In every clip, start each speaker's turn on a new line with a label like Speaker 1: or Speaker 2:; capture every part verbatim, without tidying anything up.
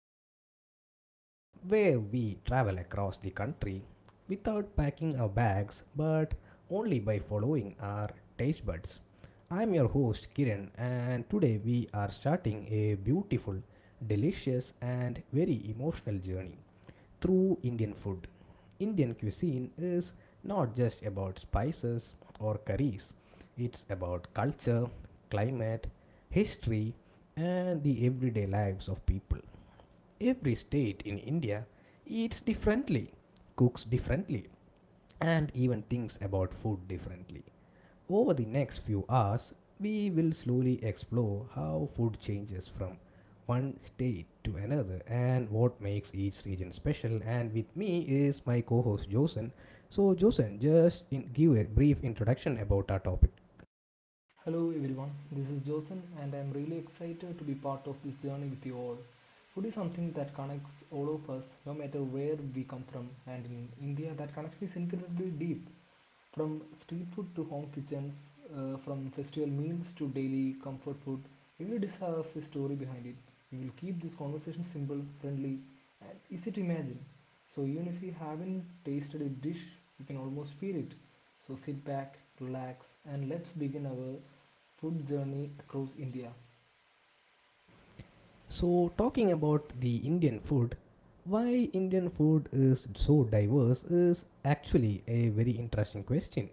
Speaker 1: a podcast where we travel across the country without packing our bags but only by following our taste buds. I'm your host Kiran, and today we are starting a beautiful, delicious, and very emotional journey through Indian food. Indian cuisine is not just about spices or curries, it's about culture, climate, history, and the everyday lives of people. Every state in India eats differently, cooks differently, and even thinks about food differently. Over the next few hours, we will slowly explore how food changes from one state to another and what makes each region special. And with me is my co host Josen. So, Josen, just in, give a brief introduction about our topic.
Speaker 2: Hello everyone, this is Josen and I am really excited to be part of this journey with you all. Food is something that connects all of us no matter where we come from and in India that connection is incredibly deep. From street food to home kitchens, uh, from festival meals to daily comfort food, every dish has a story behind it. We will keep this conversation simple, friendly, and easy to imagine. So even if you haven't tasted a dish, you can almost feel it. So sit back, relax, and let's begin our food journey across India.
Speaker 1: So, talking about the Indian food, why Indian food is so diverse is actually a very interesting question.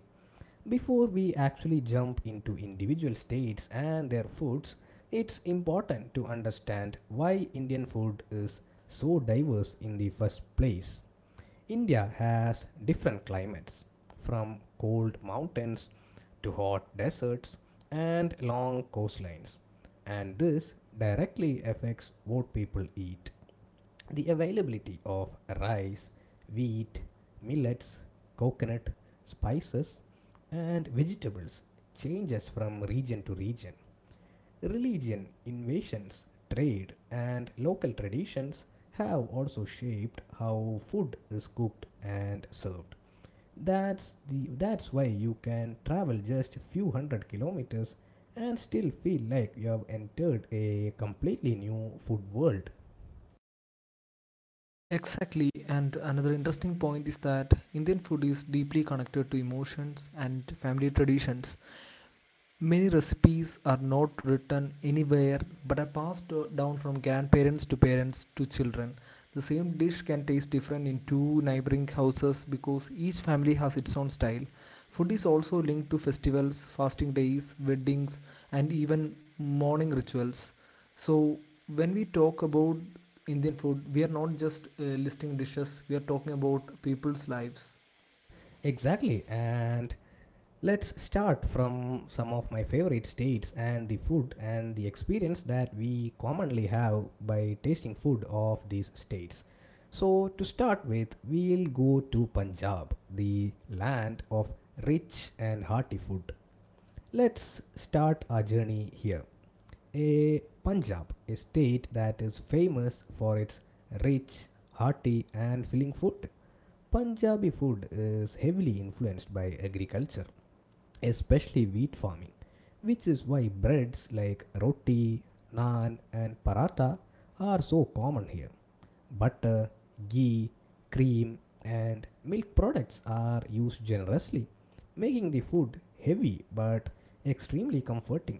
Speaker 1: Before we actually jump into individual states and their foods, it's important to understand why Indian food is so diverse in the first place. India has different climates, from cold mountains to hot deserts and long coastlines, and this directly affects what people eat. The availability of rice, wheat, millets, coconut, spices, and vegetables changes from region to region. Religion, invasions, trade, and local traditions have also shaped how food is cooked and served. That's the that's why you can travel just a few hundred kilometers and still feel like you have entered a completely new food world.
Speaker 2: Exactly, and another interesting point is that Indian food is deeply connected to emotions and family traditions. Many recipes are not written anywhere but are passed down from grandparents to parents to children. The same dish can taste different in two neighboring houses because each family has its own style. Food is also linked to festivals, fasting days, weddings, and even morning rituals. So, when we talk about Indian food, we are not just uh, listing dishes, we are talking about people's lives.
Speaker 1: Exactly, and let's start from some of my favorite states and the food and the experience that we commonly have by tasting food of these states. So, to start with, we'll go to Punjab, the land of rich and hearty food. Let's start our journey here. A Punjab, a state that is famous for its rich, hearty, and filling food. Punjabi food is heavily influenced by agriculture especially wheat farming, which is why breads like roti, naan, and paratha are so common here. Butter, ghee, cream, and milk products are used generously, making the food heavy but extremely comforting.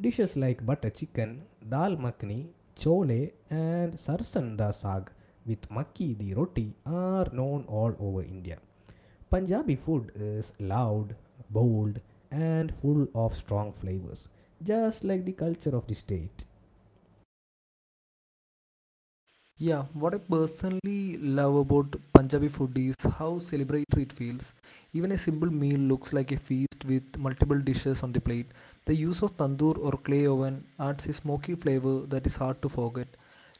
Speaker 1: Dishes like butter chicken, dal makhani, chole, and sarson da saag with makki the roti are known all over India. Punjabi food is loud, bold, and full of strong flavors, just like the culture of the state.
Speaker 2: Yeah, what I personally love about Punjabi food is how celebratory it feels. Even a simple meal looks like a feast with multiple dishes on the plate. The use of tandoor or clay oven adds a smoky flavor that is hard to forget.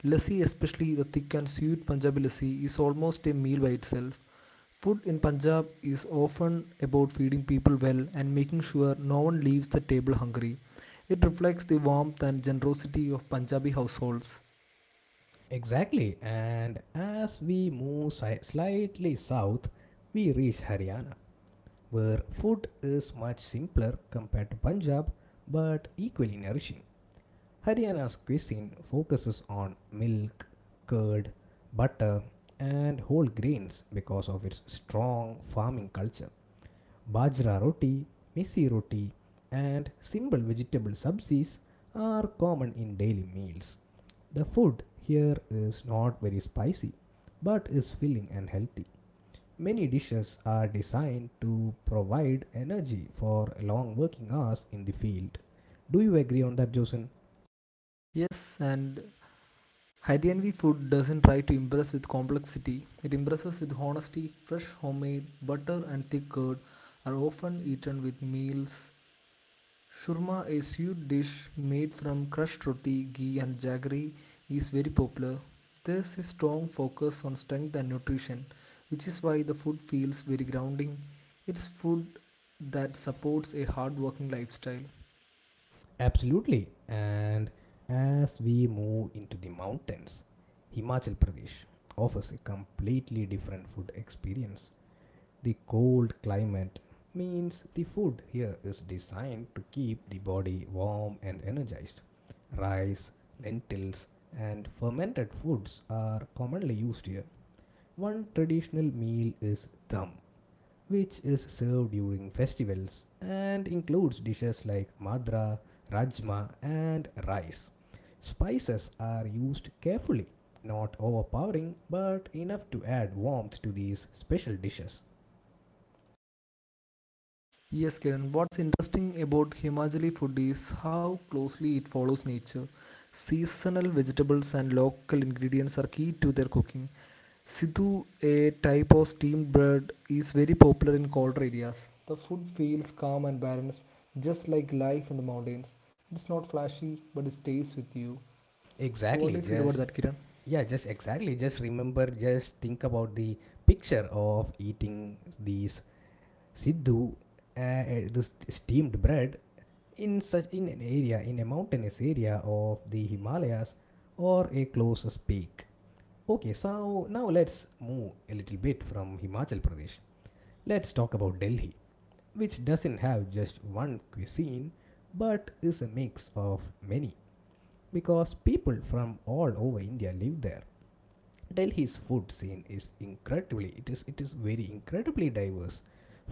Speaker 2: Lassi, especially the thick and sweet Punjabi lassi, is almost a meal by itself. Food in Punjab is often about feeding people well and making sure no one leaves the table hungry. It reflects the warmth and generosity of Punjabi households.
Speaker 1: Exactly, and as we move si- slightly south, we reach Haryana, where food is much simpler compared to Punjab but equally nourishing. Haryana's cuisine focuses on milk, curd, butter, and whole grains because of its strong farming culture. Bajra roti, misi roti, and simple vegetable sabzis are common in daily meals. The food here is not very spicy but is filling and healthy. Many dishes are designed to provide energy for long working hours in the field. Do you agree on that, Josen?
Speaker 2: Yes, and Haitian food doesn't try to impress with complexity, it impresses with honesty. Fresh homemade butter and thick curd are often eaten with meals. Shurma, a sweet dish made from crushed roti, ghee, and jaggery, is very popular. There's a strong focus on strength and nutrition, which is why the food feels very grounding. It's food that supports a hard working lifestyle.
Speaker 1: Absolutely. And as we move into the mountains, Himachal Pradesh offers a completely different food experience. The cold climate means the food here is designed to keep the body warm and energized. Rice, lentils, and fermented foods are commonly used here. One traditional meal is dham, which is served during festivals and includes dishes like madra, rajma, and rice. Spices are used carefully, not overpowering, but enough to add warmth to these special dishes.
Speaker 2: Yes, Kiran. What's interesting about Himachali food is how closely it follows nature. Seasonal vegetables and local ingredients are key to their cooking. Sidhu, a type of steamed bread, is very popular in colder areas. The food feels calm and balanced, just like life in the mountains. It's not flashy, but it stays with you. So, what do you
Speaker 1: Exactly.
Speaker 2: feel about
Speaker 1: Just
Speaker 2: that, Kiran?
Speaker 1: yeah. Just exactly. Just remember. Just think about the picture of eating these siddhu, uh, uh, this steamed bread in such in an area in a mountainous area of the Himalayas or a closest peak. Okay. So now let's move a little bit from Himachal Pradesh. Let's talk about Delhi, which doesn't have just one cuisine, but is a mix of many because people from all over India live there. Delhi's food scene is incredibly it is it is very incredibly diverse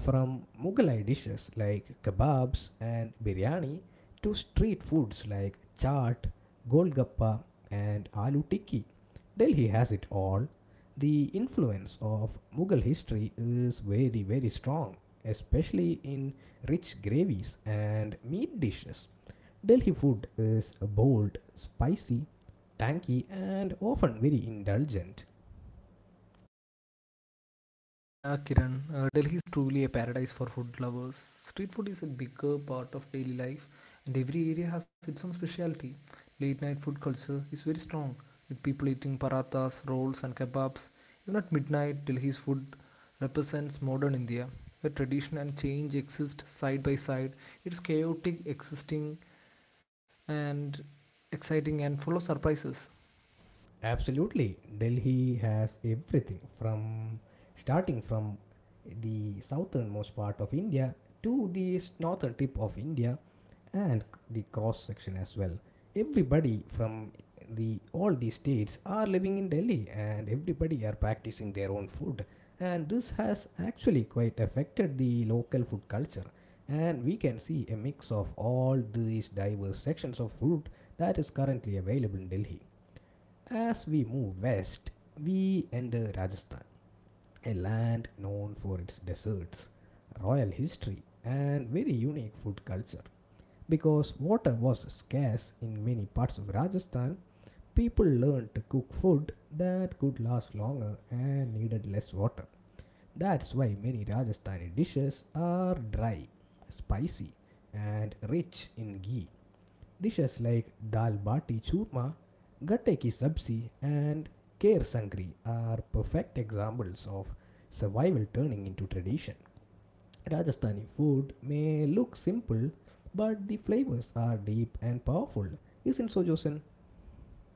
Speaker 1: from Mughalai dishes like kebabs and biryani to street foods like chaat, golgappa and aloo tikki. Delhi has it all. The influence of Mughal history is very very strong, especially in rich gravies and meat dishes. Delhi food is bold, spicy, tangy, and often very indulgent.
Speaker 2: Yeah, Kiran, uh, Delhi is truly a paradise for food lovers. Street food is a bigger part of daily life, and every area has its own specialty. Late night food culture is very strong, with people eating parathas, rolls, and kebabs. Even at midnight, Delhi's food represents modern India, where tradition and change exist side by side. It's chaotic, existing, and exciting, and full of surprises.
Speaker 1: Absolutely, Delhi has everything from starting from the southernmost part of India to the northern tip of India and the cross section as well. Everybody from the all the states are living in Delhi and everybody are practicing their own food and this has actually quite affected the local food culture and we can see a mix of all these diverse sections of food that is currently available in Delhi. As we move west, we enter Rajasthan, a land known for its deserts, royal history, and very unique food culture. Because water was scarce in many parts of Rajasthan, people learned to cook food that could last longer and needed less water. That's why many Rajasthani dishes are dry, spicy, and rich in ghee. Dishes like dal bati churma, gatte ki sabzi, and kher sangri are perfect examples of survival turning into tradition. Rajasthani food may look simple, but the flavors are deep and powerful, isn't so, Josen?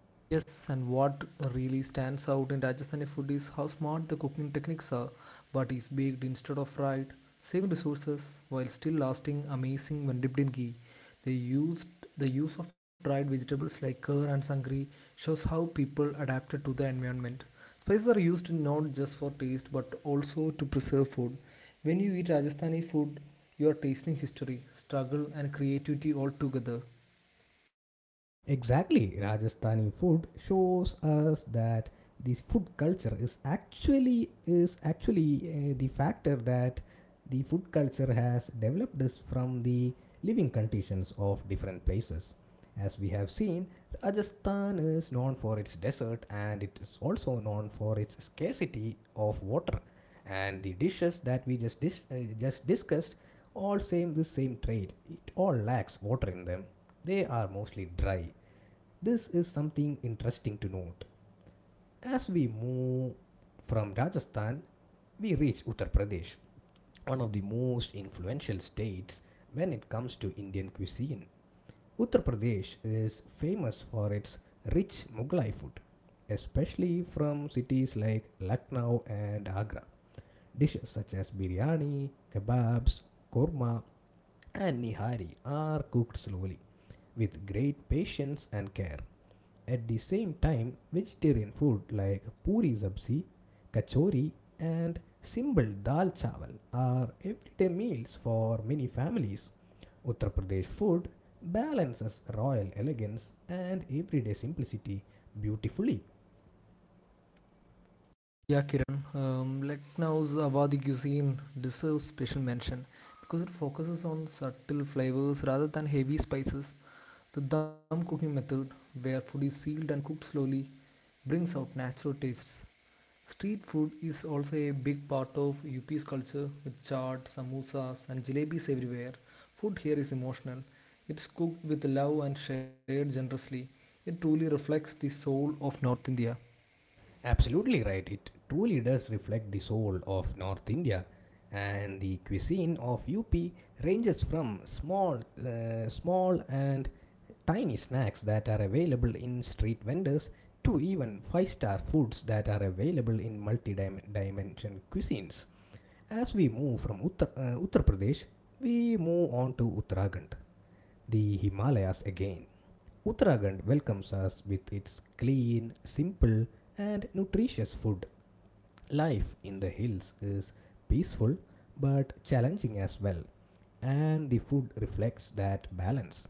Speaker 2: Yes, and what really stands out in Rajasthani food is how smart the cooking techniques are. But is baked instead of fried, saving resources while still lasting amazing when dipped in ghee. They used the use of dried vegetables like curd and sangri shows how people adapted to the environment. Spices are used not just for taste but also to preserve food. When you eat Rajasthani food, you are tasting history, struggle, and creativity all together.
Speaker 1: Exactly, Rajasthani food shows us that this food culture is actually is actually uh, the factor that the food culture has developed is from the living conditions of different places. As we have seen, Rajasthan is known for its desert and it is also known for its scarcity of water. And the dishes that we just dis- uh, just discussed all same the same trait. It all lacks water in them. They are mostly dry, this is something interesting to note. As we move from Rajasthan, we reach Uttar Pradesh, one of the most influential states when it comes to Indian cuisine. Uttar Pradesh is famous for its rich Mughlai food, especially from cities like Lucknow and Agra. Dishes such as biryani, kebabs, korma, and nihari are cooked slowly with great patience and care. At the same time, vegetarian food like puri sabzi, kachori, and simple dal chawal are everyday meals for many families. Uttar Pradesh food balances royal elegance and everyday simplicity beautifully.
Speaker 2: Yeah, Kiran. Um, Lucknow's Awadhi cuisine deserves special mention because it focuses on subtle flavors rather than heavy spices. The dum cooking method, where food is sealed and cooked slowly, brings out natural tastes. Street food is also a big part of U P's culture with chaat, samosas, and jalebis everywhere. Food here is emotional. It's cooked with love and shared generously. It truly reflects the soul of North India.
Speaker 1: Absolutely right, it truly does reflect the soul of North India. And the cuisine of U P ranges from small, uh, small and tiny snacks that are available in street vendors to even five star foods that are available in multi dimension cuisines. As we move from Uttar, uh, Uttar Pradesh, we move on to Uttarakhand, the Himalayas again. Uttarakhand welcomes us with its clean, simple, and nutritious food. Life in the hills is peaceful but challenging as well, and the food reflects that balance.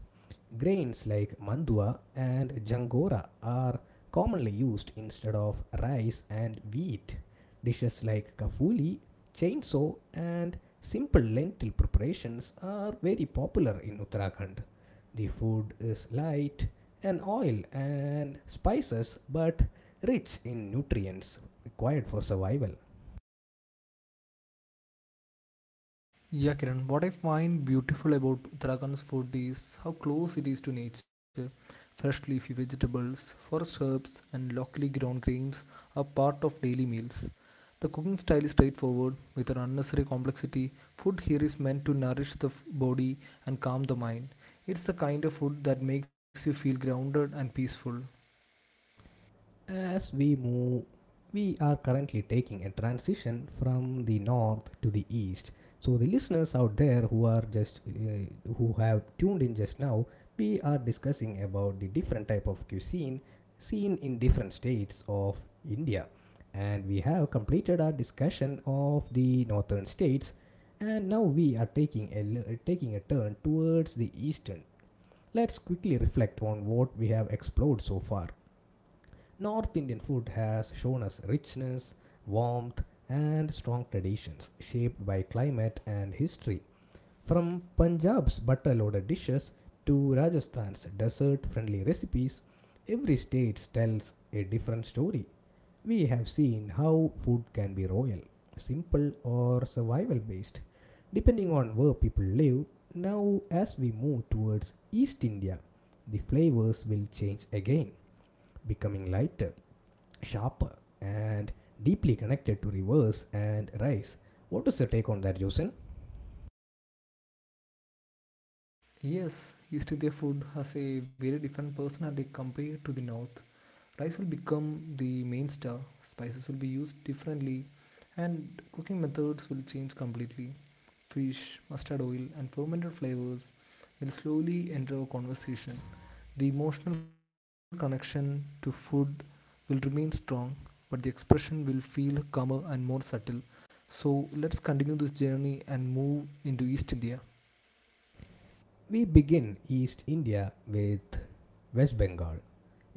Speaker 1: Grains like mandua and jangora are commonly used instead of rice and wheat. Dishes like kafuli, chainsaw, and simple lentil preparations are very popular in Uttarakhand. The food is light in oil and spices but rich in nutrients required for survival.
Speaker 2: Yeah, Kiran, what I find beautiful about Uttarakhand's food is how close it is to nature. Fresh leafy vegetables, forest herbs, and locally grown grains are part of daily meals. The cooking style is straightforward, with an unnecessary complexity. Food here is meant to nourish the f- body and calm the mind. It's the kind of food that makes you feel grounded and peaceful.
Speaker 1: As we move, we are currently taking a transition from the north to the east. So the listeners out there who are just uh, who have tuned in just now, we are discussing about the different type of cuisine seen in different states of India. And we have completed our discussion of the northern states and now we are taking a taking a turn towards the eastern. Let's quickly reflect on what we have explored so far. North Indian food has shown us richness, warmth, and strong traditions shaped by climate and history. From Punjab's butter loaded dishes to Rajasthan's desert friendly recipes, every state tells a different story. We have seen how food can be royal, simple, or survival based, depending on where people live. Now, as we move towards East India, the flavors will change again, becoming lighter, sharper and deeply connected to rivers and rice. What is your take on that, Josen?
Speaker 2: Yes, East India food has a very different personality compared to the North. Rice will become the main star, spices will be used differently, and cooking methods will change completely. Fish, mustard oil, and fermented flavors will slowly enter our conversation. The emotional connection to food will remain strong, but the expression will feel calmer and more subtle. So let's continue this journey and move into east india.
Speaker 1: We begin East India with West Bengal,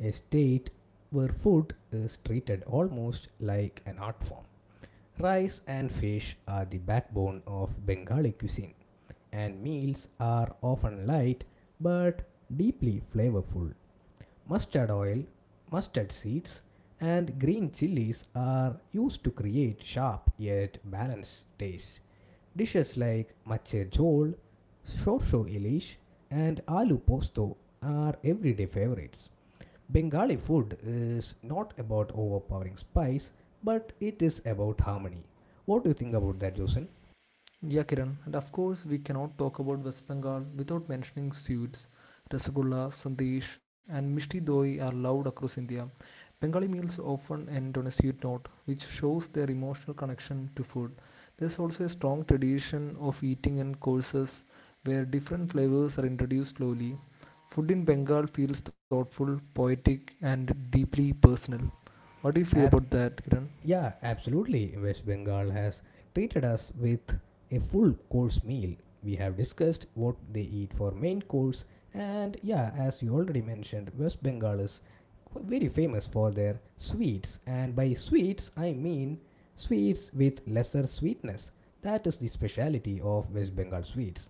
Speaker 1: a state where food is treated almost like an art form. Rice and fish are the backbone of Bengali cuisine, and meals are often light but deeply flavorful. Mustard oil, mustard seeds, and green chilies are used to create sharp yet balanced taste. Dishes like mache jhol, shorsho ilish, and aloo posto are everyday favorites. Bengali food is not about overpowering spice, but it is about harmony. What do you think about that, Josen?
Speaker 2: Yeah, Kiran. And of course, we cannot talk about West Bengal without mentioning sweets. Rasgulla, Sandesh, and Mishti Doi are loved across India. Bengali meals often end on a sweet note, which shows their emotional connection to food. There's also a strong tradition of eating in courses where different flavors are introduced slowly. Food in Bengal feels thoughtful, poetic, and deeply personal. What do you feel about
Speaker 1: Apt.
Speaker 2: that, Kiran?
Speaker 1: Yeah, absolutely. West Bengal has treated us with a full course meal. We have discussed what they eat for main course, and yeah, as you already mentioned, West Bengal is qu- very famous for their sweets, and by sweets, I mean sweets with lesser sweetness. That is the speciality of West Bengal sweets.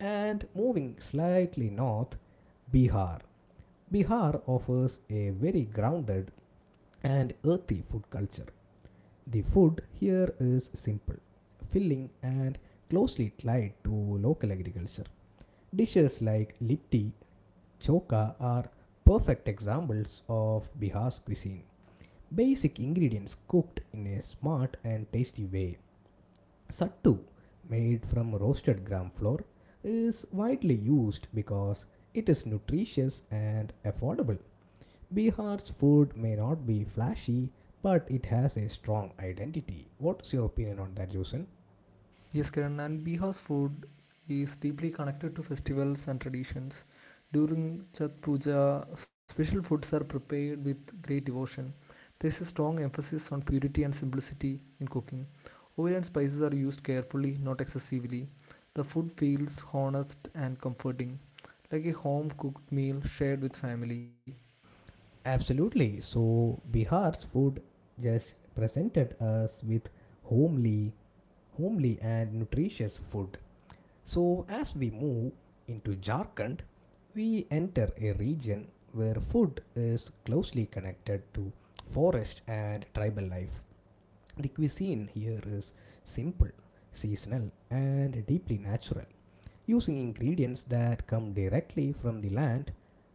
Speaker 1: And moving slightly north, Bihar. Bihar offers a very grounded and earthy food culture. The food here is simple, filling, and closely tied to local agriculture. Dishes like litti, choka are perfect examples of Bihar's cuisine. Basic ingredients cooked in a smart and tasty way. Sattu, made from roasted gram flour, is widely used because it is nutritious and affordable. Bihar's food may not be flashy, but it has a strong identity. What is your opinion on that, Jusen?
Speaker 2: Yes, Kiran, and Bihar's food is deeply connected to festivals and traditions. During Chhat Puja, special foods are prepared with great devotion. There is a strong emphasis on purity and simplicity in cooking. Oil and spices are used carefully, not excessively. The food feels honest and comforting, like a home cooked meal shared with family.
Speaker 1: Absolutely. So Bihar's food just presented us with homely, homely and nutritious food. So as we move into Jharkhand, we enter a region where food is closely connected to forest and tribal life. The cuisine here is simple, seasonal, and deeply natural. Using ingredients that come directly from the land,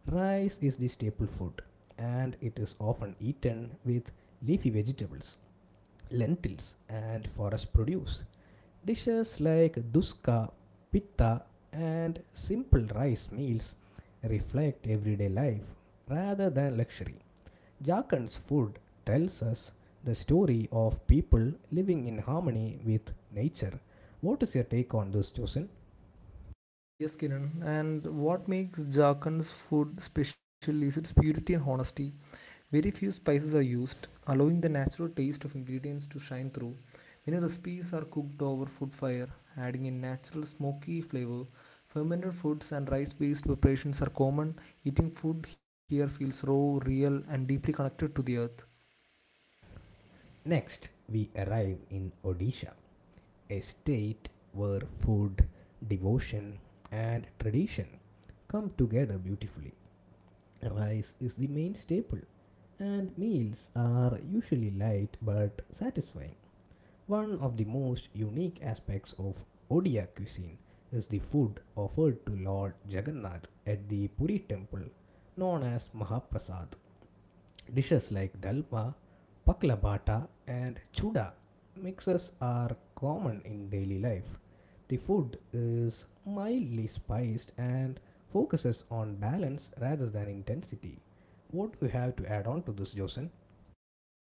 Speaker 1: rice is the staple food and it is often eaten with leafy vegetables, lentils, and forest produce. Dishes like duska, pitta, and simple rice meals reflect everyday life rather than luxury. Jharkhand's food tells us the story of people living in harmony with nature. What is your take on this, Joseph?
Speaker 2: Yes, Kiran, and what makes Jharkhand's food special is its purity and honesty. Very few spices are used, allowing the natural taste of ingredients to shine through. Many recipes are cooked over wood fire, adding a natural smoky flavor. Fermented foods and rice based preparations are common. Eating food here feels raw, real, and deeply connected to the earth.
Speaker 1: Next, we arrive in Odisha, a state where food, devotion, and tradition come together beautifully. Rice is the main staple, and meals are usually light but satisfying. One of the most unique aspects of Odia cuisine is the food offered to Lord Jagannath at the Puri temple, known as Mahaprasad. Dishes like dalma, pakla bata, and chuda mixes are common in daily life. The food is mildly spiced and focuses on balance rather than intensity. What do you have to add on to this, Josen?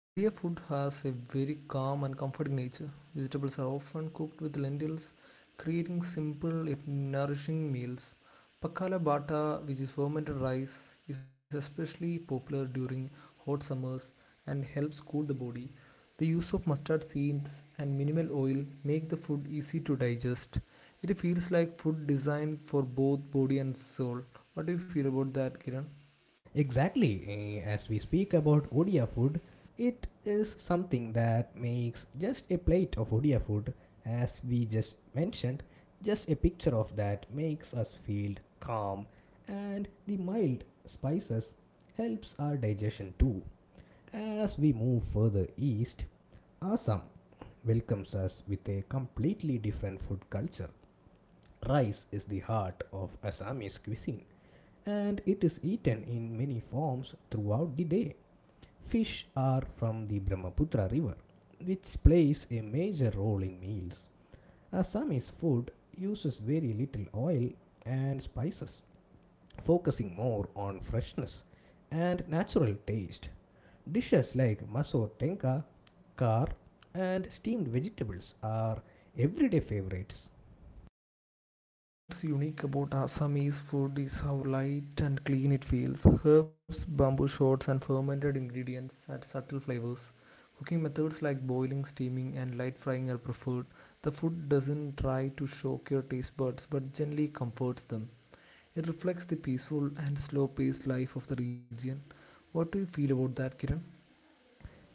Speaker 2: Odia food has a very calm and comforting nature. Vegetables are often cooked with lentils, creating simple yet nourishing meals. Pakala bata, which is fermented rice, is especially popular during hot summers and helps cool the body. The use of mustard seeds and minimal oil make the food easy to digest. It feels like food designed for both body and soul. What do you feel about that, Kiran?
Speaker 1: Exactly. Eh, As we speak about Odia food, it is something that makes just a plate of Odia food, as we just mentioned, just a picture of that makes us feel calm, and the mild spices helps our digestion too. As we move further east, Assam welcomes us with a completely different food culture. Rice is the heart of Assamese cuisine and it is eaten in many forms throughout the day. Fish are from the Brahmaputra river, which plays a major role in meals. Assamese food uses very little oil and spices, focusing more on freshness and natural taste. Dishes like maso tenka, kar, and steamed vegetables are everyday favorites.
Speaker 2: What's unique about Assamese food is how light and clean it feels. Herbs, bamboo shoots, and fermented ingredients add subtle flavors. Cooking methods like boiling, steaming, and light frying are preferred. The food doesn't try to shock your taste buds but generally comforts them. It reflects the peaceful and slow paced life of the region. What do you feel about that, Kiran?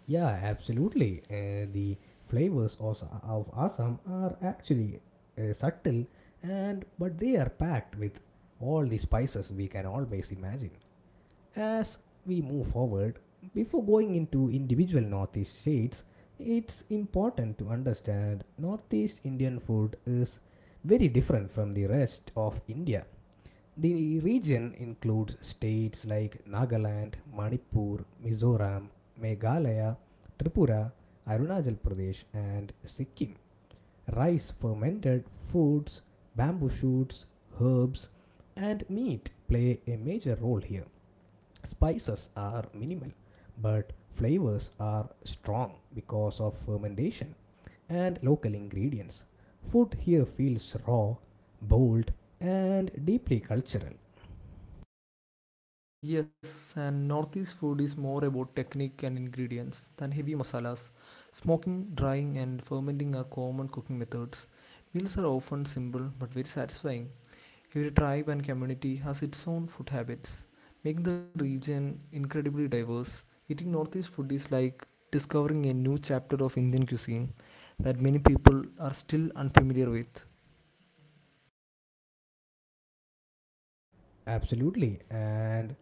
Speaker 1: Yeah, absolutely. Uh, the flavors of, of Assam are actually uh, subtle, and but they are packed with all the spices we can always imagine. As we move forward, before going into individual Northeast states, it's important to understand Northeast Indian food is very different from the rest of India. The region includes states like Nagaland, Manipur, Mizoram, Meghalaya, Tripura, Arunachal Pradesh, and Sikkim. Rice, fermented foods, bamboo shoots, herbs, and meat play a major role here. Spices are minimal, but flavors are strong because of fermentation and local ingredients. Food here feels raw, bold, and deeply cultural.
Speaker 2: Yes, and Northeast food is more about technique and ingredients than heavy masalas. Smoking, drying, and fermenting are common cooking methods. Meals are often simple but very satisfying. Every tribe and community has its own food habits, making the region incredibly diverse. Eating Northeast food is like discovering a new chapter of Indian cuisine that many people are still unfamiliar with.
Speaker 1: Absolutely. And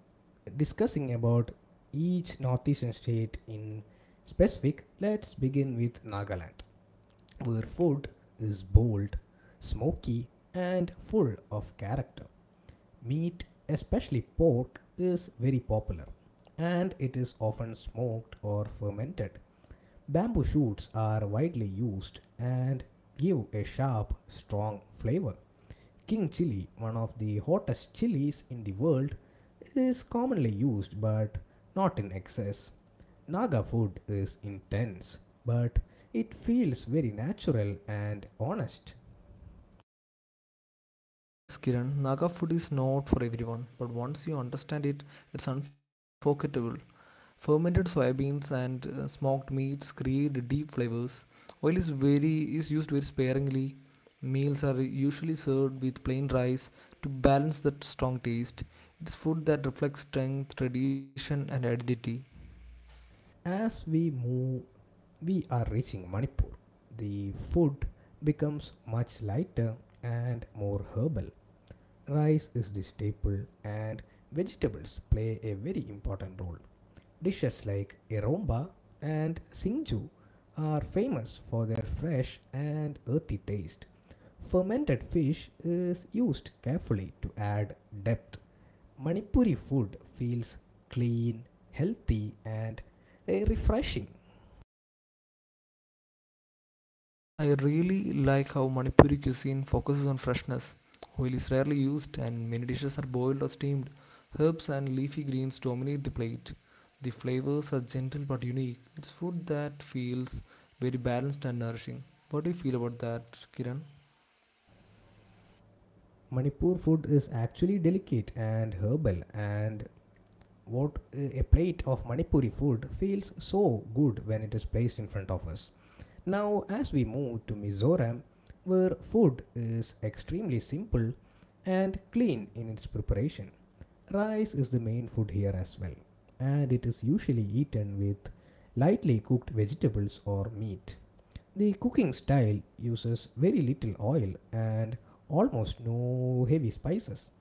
Speaker 1: discussing about each northeastern state in specific, let's begin with Nagaland, where food is bold, smoky, and full of character. Meat, especially pork, is very popular, and it is often smoked or fermented. Bamboo shoots are widely used and give a sharp, strong flavor. King chili, one of the hottest chilies in the world, is commonly used but not in excess. Naga food is intense, but it feels very natural and honest.
Speaker 2: Yes, Kiran, Naga food is not for everyone, but once you understand it, it's unforgettable. Fermented soybeans and uh, smoked meats create deep flavors. Oil is very is used very sparingly. Meals are usually served with plain rice to balance that strong taste. It's food that reflects strength, tradition, and identity.
Speaker 1: As we move, we are reaching Manipur. The food becomes much lighter and more herbal. Rice is the staple, and vegetables play a very important role. Dishes like iromba and singju are famous for their fresh and earthy taste. Fermented fish is used carefully to add depth. Manipuri food feels clean, healthy, and eh, refreshing.
Speaker 2: I really like how Manipuri cuisine focuses on freshness. Oil is rarely used, and many dishes are boiled or steamed. Herbs and leafy greens dominate the plate. The flavors are gentle but unique. It's food that feels very balanced and nourishing. What do you feel about that, Kiran?
Speaker 1: Manipur food is actually delicate and herbal, and what eh, a plate of Manipuri food feels so good when it is placed in front of us. Now, as we move to Mizoram, where food is extremely simple and clean in its preparation, rice is the main food here as well, and it is usually eaten with lightly cooked vegetables or meat. The cooking style uses very little oil and almost no heavy spices.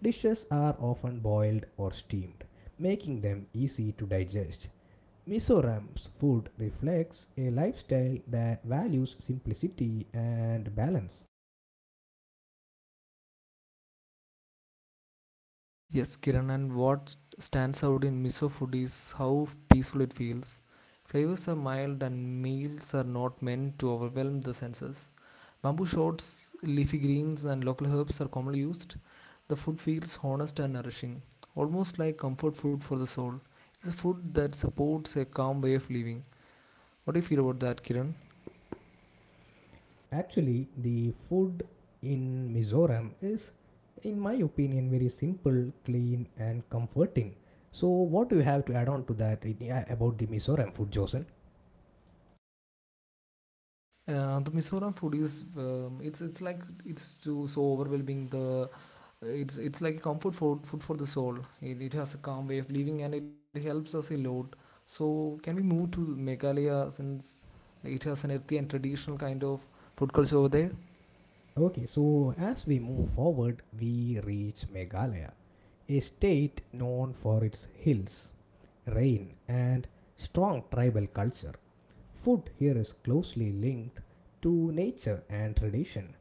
Speaker 1: Dishes are often boiled or steamed, making them easy to digest. Mizoram's food reflects a lifestyle that values simplicity and balance.
Speaker 2: Yes, Kiran, and what stands out in miso food is how peaceful it feels. Flavors are mild, and meals are not meant to overwhelm the senses. Bamboo shoots, leafy greens and local herbs are commonly used. The food feels honest and nourishing, almost like comfort food for the soul. It's a food that supports a calm way of living. What do you feel about that, Kiran?
Speaker 1: Actually, the food in Mizoram is, in my opinion, very simple, clean, and comforting. So, what do you have to add on to that about the Mizoram food, Josen?
Speaker 2: Uh, the Mizoram food is um, it's it's like it's too so overwhelming. The it's it's like a comfort food food for the soul. It, it has a calm way of living and it helps us a lot. So can we move to Meghalaya since it has an earthy and traditional kind of food culture over there?
Speaker 1: Okay, so as we move forward, we reach Meghalaya, a state known for its hills, rain, and strong tribal culture. Food here is closely linked to nature and tradition.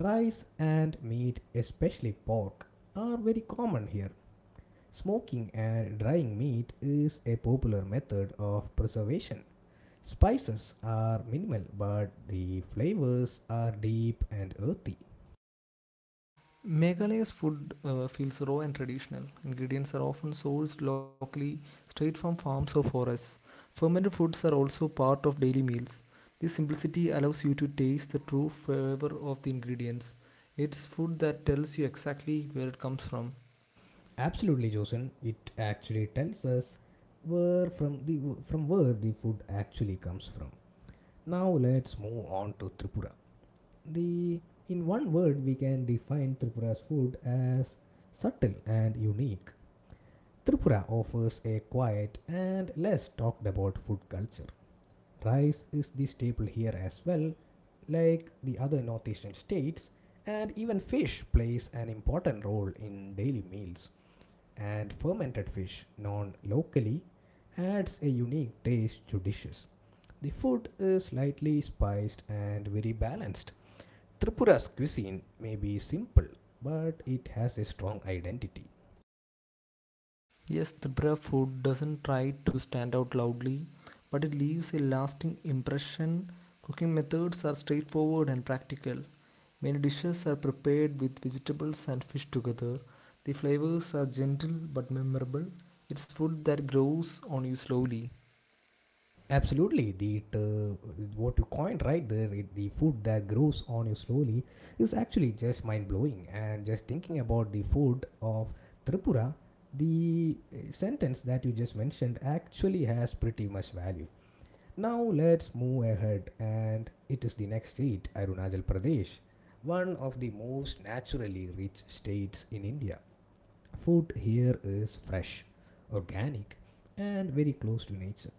Speaker 1: Rice and meat, especially pork, are very common here. Smoking and drying meat is a popular method of preservation. Spices are minimal, but the flavors are deep and earthy.
Speaker 2: Meghalaya's food uh, feels raw and traditional. Ingredients are often sourced locally, straight from farms or forests. Fermented foods are also part of daily meals. This simplicity allows you to taste the true flavor of the ingredients. It's food that tells you exactly where it comes from.
Speaker 1: Absolutely, Josen. It actually tells us where from the from where the food actually comes from. Now let's move on to Tripura. The in one word we can define Tripura's food as subtle and unique. Tripura offers a quiet and less talked about food culture. Rice is the staple here as well, like the other North Asian states, and even fish plays an important role in daily meals. And fermented fish, known locally, adds a unique taste to dishes. The food is lightly spiced and very balanced, Tripura's cuisine may be simple, but it has a strong identity.
Speaker 2: Yes, the brave food doesn't try to stand out loudly, but it leaves a lasting impression. Cooking methods are straightforward and practical. Many dishes are prepared with vegetables and fish together. The flavors are gentle but memorable. It's food that grows on you slowly.
Speaker 1: Absolutely, the uh, what you coined right there, it- the food that grows on you slowly, is actually just mind blowing. And just thinking about the food of Tripura, the uh, sentence that you just mentioned actually has pretty much value. Now let's move ahead, and it is the next state, Arunachal Pradesh, one of the most naturally rich states in India. Food here is fresh, organic, and very close to nature.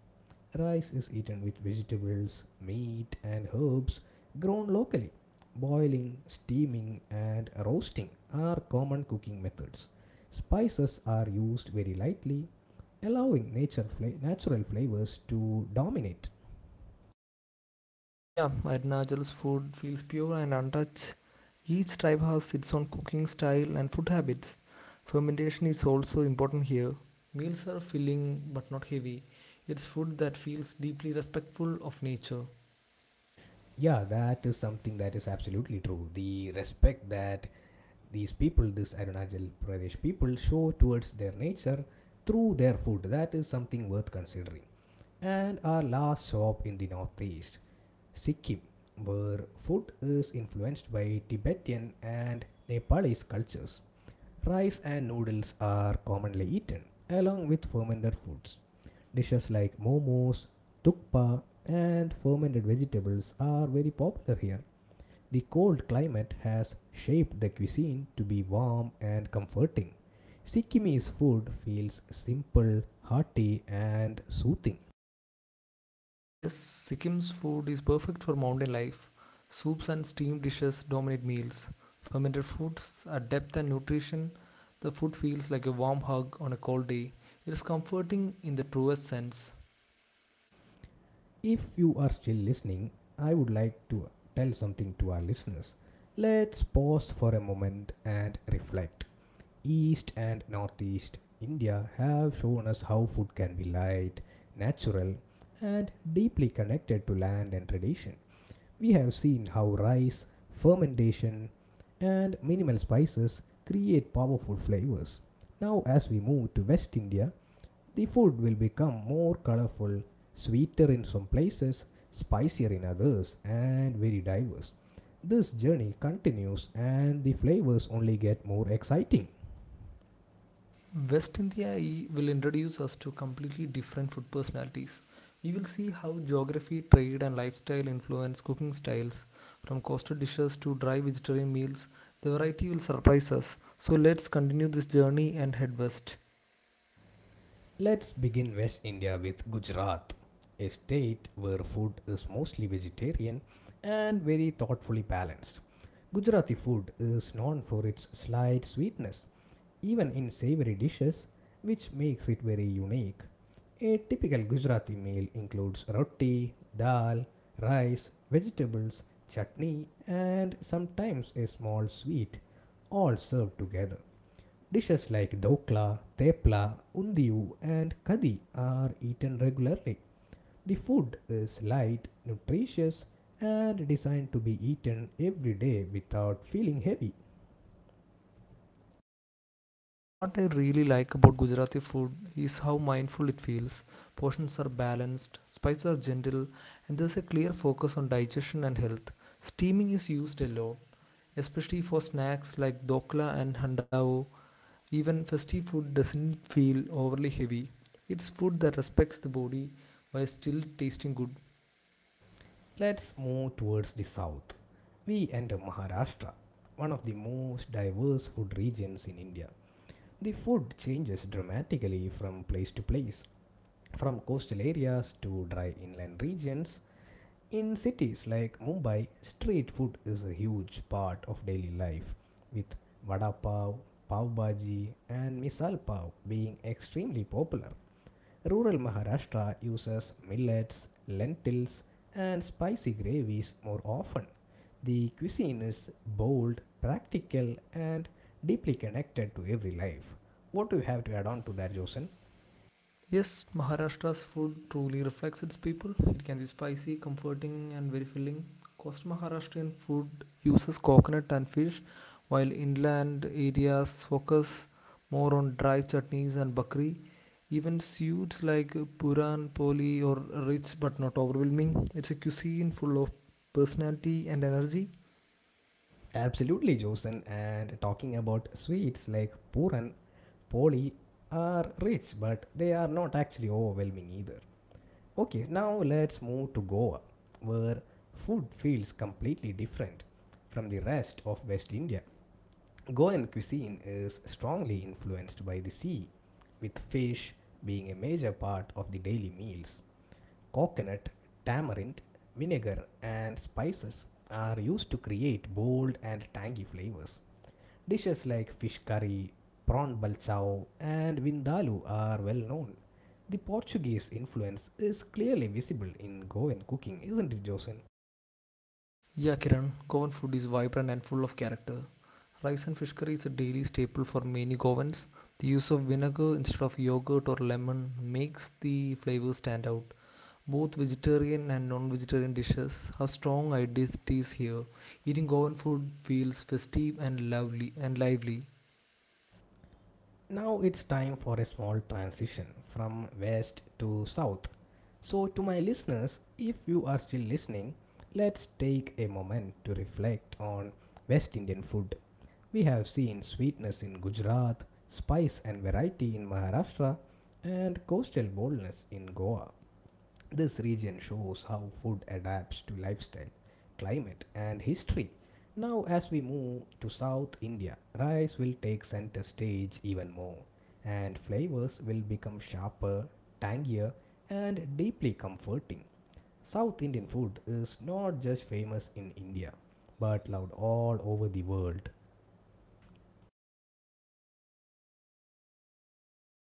Speaker 1: Rice is eaten with vegetables, meat, and herbs grown locally. Boiling, steaming, and roasting are common cooking methods. Spices are used very lightly, allowing nature fla- natural flavors to dominate.
Speaker 2: Yeah, Arunachal's food feels pure and untouched. Each tribe has its own cooking style and food habits. Fermentation is also important here. Meals are filling but not heavy. It's food that feels deeply respectful of nature.
Speaker 1: Yeah, that is something that is absolutely true. The respect that these people, this Arunachal Pradesh people, show towards their nature through their food. That is something worth considering. And our last shop in the northeast, Sikkim, where food is influenced by Tibetan and Nepalese cultures. Rice and noodles are commonly eaten, along with fermented foods. Dishes like momos, tukpa, and fermented vegetables are very popular here. The cold climate has shaped the cuisine to be warm and comforting. Sikkimese food feels simple, hearty, and soothing.
Speaker 2: Yes, Sikkim's food is perfect for mountain life. Soups and steamed dishes dominate meals. Fermented foods add depth and nutrition. The food feels like a warm hug on a cold day. It is comforting in the truest sense.
Speaker 1: If you are still listening, I would like to tell something to our listeners. Let's pause for a moment and reflect. East and Northeast India have shown us how food can be light, natural, and deeply connected to land and tradition. We have seen how rice, fermentation, and minimal spices create powerful flavors. Now, as we move to West India, the food will become more colorful, sweeter in some places, spicier in others, and very diverse. This journey continues, and the flavors only get more exciting.
Speaker 2: West India will introduce us to completely different food personalities. We will see how geography, trade, and lifestyle influence cooking styles. From coastal dishes to dry vegetarian meals, the variety will surprise us. So let's continue this journey and head west.
Speaker 1: Let's begin West India with Gujarat, a state where food is mostly vegetarian and very thoughtfully balanced. Gujarati food is known for its slight sweetness, even in savory dishes, which makes it very unique. A typical Gujarati meal includes roti, dal, rice, vegetables, chutney, and sometimes a small sweet, all served together. Dishes like dokla, tepla, undiu, and kadi are eaten regularly. The food is light, nutritious, and designed to be eaten every day without feeling heavy.
Speaker 2: What I really like about Gujarati food is how mindful it feels. Portions are balanced, spices are gentle, and there's a clear focus on digestion and health. Steaming is used a lot, especially for snacks like dokla and handao. Even festive food doesn't feel overly heavy. It's food that respects the body while still tasting good.
Speaker 1: Let's move towards the south. We enter Maharashtra, one of the most diverse food regions in India. The food changes dramatically from place to place, from coastal areas to dry inland regions. In cities like Mumbai, street food is a huge part of daily life, with vada pav, pav bhaji, and misal pav being extremely popular. Rural Maharashtra uses millets, lentils, and spicy gravies more often. The cuisine is bold, practical, and deeply connected to every life. What do you have to add on to that, Josen?
Speaker 2: Yes, Maharashtra's food truly reflects its people. It can be spicy, comforting, and very filling. Coastal Maharashtrian food uses coconut and fish, while inland areas focus more on dry chutneys and bakri. Even suits like puran, poli, or rich but not overwhelming. It's a cuisine full of personality and energy.
Speaker 1: Absolutely, Josen. And talking about sweets like Puran, Poli are rich, but they are not actually overwhelming either. Okay, now let's move to Goa, where food feels completely different from the rest of West India. Goan cuisine is strongly influenced by the sea, with fish being a major part of the daily meals. Coconut, tamarind, vinegar, and spices are used to create bold and tangy flavors. Dishes like fish curry, prawn balchao, and vindaloo are well known. The Portuguese influence is clearly visible in Goan cooking, isn't it, Josen?
Speaker 2: Yeah, Kiran, Goan food is vibrant and full of character. Rice and fish curry is a daily staple for many Goans. The use of vinegar instead of yogurt or lemon makes the flavor stand out. Both vegetarian and non vegetarian dishes have strong identities here. Eating Goan food feels festive and lovely and lively.
Speaker 1: Now it's time for a small transition from west to south. So, to my listeners, if you are still listening, let's take a moment to reflect on West Indian food. We have seen sweetness in Gujarat, spice and variety in Maharashtra, and coastal boldness in Goa. This region shows how food adapts to lifestyle, climate, and history. Now, as we move to South India, rice will take center stage even more, and flavors will become sharper, tangier, and deeply comforting. South Indian food is not just famous in India, but loved all over the world.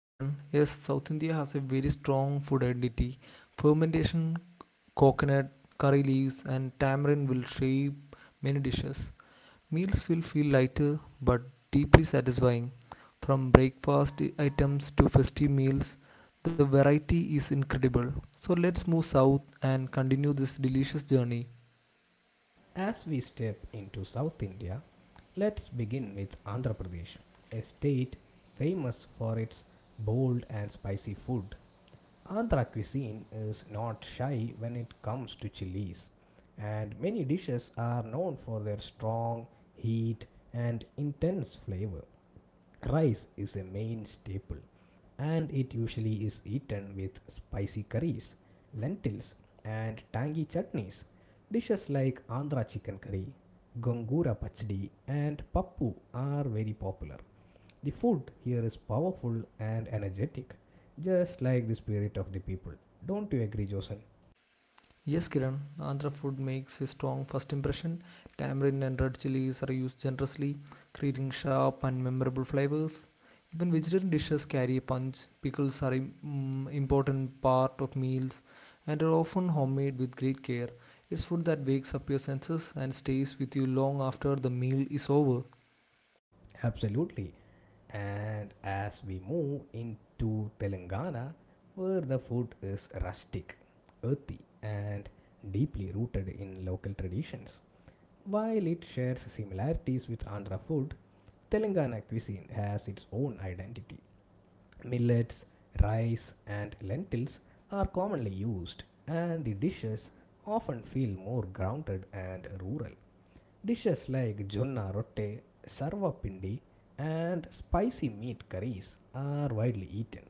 Speaker 2: Kiran, yes, South India has a very strong food identity. Fermentation, coconut, curry leaves, and tamarind will shape many dishes. Meals will feel lighter but deeply satisfying. From breakfast items to festive meals, the variety is incredible. So let's move south and continue this delicious journey.
Speaker 1: As we step into South India, let's begin with Andhra Pradesh, a state famous for its bold and spicy food. Andhra cuisine is not shy when it comes to chilies, and many dishes are known for their strong heat and intense flavor. Rice is a main staple and it usually is eaten with spicy curries, lentils, and tangy chutneys. Dishes like Andhra chicken curry, gongura pachdi, and pappu are very popular. The food here is powerful and energetic, just like the spirit of the people. Don't you agree, Josen?
Speaker 2: Yes, Kiran, Andhra food makes a strong first impression. Tamarind and red chilies are used generously, creating sharp and memorable flavors. Even vegetarian dishes carry a punch. Pickles are an important part of meals and are often homemade with great care. It's food that wakes up your senses and stays with you long after the meal is over.
Speaker 1: Absolutely. And as we move into Telangana, where the food is rustic, earthy, and deeply rooted in local traditions. While it shares similarities with Andhra food, Telangana cuisine has its own identity. Millets, rice, and lentils are commonly used, and the dishes often feel more grounded and rural. Dishes like jonna rotte, sarva pindi, and spicy meat curries are widely eaten.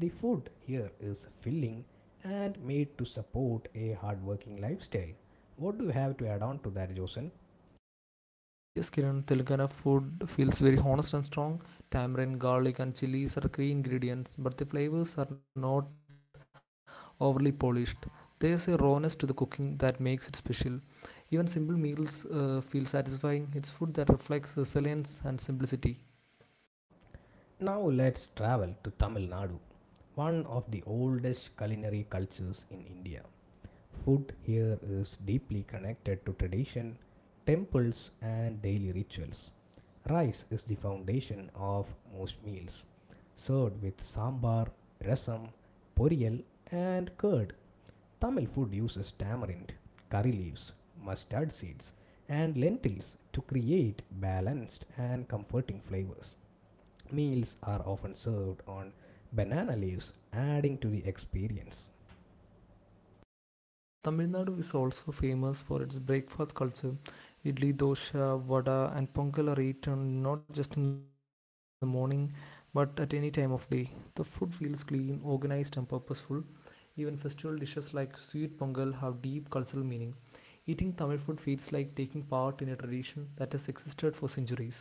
Speaker 1: The food here is filling and made to support a hardworking lifestyle. What do you have to add on to that, Josen?
Speaker 2: Yes, Kiran, Telangana food feels very honest and strong. Tamarind, garlic, and chilies are key ingredients, but the flavors are not overly polished. There's a rawness to the cooking that makes it special. Even simple meals uh, feel satisfying. It's food that reflects resilience and simplicity.
Speaker 1: Now let's travel to Tamil Nadu, one of the oldest culinary cultures in India. Food here is deeply connected to tradition, temples, and daily rituals. Rice is the foundation of most meals, served with sambar, rasam, poriyal, and curd. Tamil food uses tamarind, curry leaves, mustard seeds, and lentils to create balanced and comforting flavors. Meals are often served on banana leaves, adding to the experience.
Speaker 2: Tamil Nadu is also famous for its breakfast culture. Idli, dosha, vada, and pongal are eaten not just in the morning but at any time of day. The food feels clean, organized, and purposeful. Even festival dishes like sweet pongal have deep cultural meaning. Eating Tamil food feels like taking part in a tradition that has existed for centuries.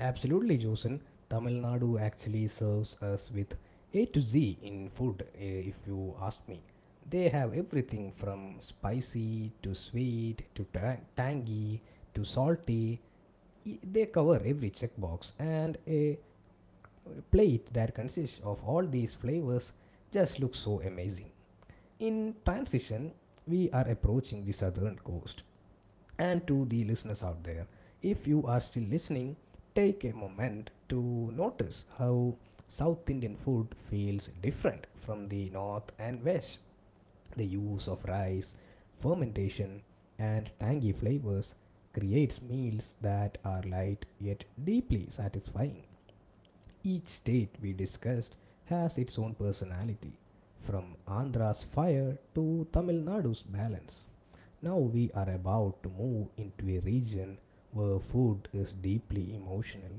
Speaker 1: Absolutely, Josen. Tamil Nadu actually serves us with A to Z in food, eh, if you ask me. They have everything from spicy to sweet to ta- tangy to salty. E- They cover every checkbox and a plate that consists of all these flavors just looks so amazing. In transition, we are approaching the southern coast. And to the listeners out there, if you are still listening, take a moment to notice how South Indian food feels different from the north and west. The use of rice, fermentation, and tangy flavors creates meals that are light yet deeply satisfying. Each state we discussed has its own personality, from Andhra's fire to Tamil Nadu's balance. Now we are about to move into a region where food is deeply emotional,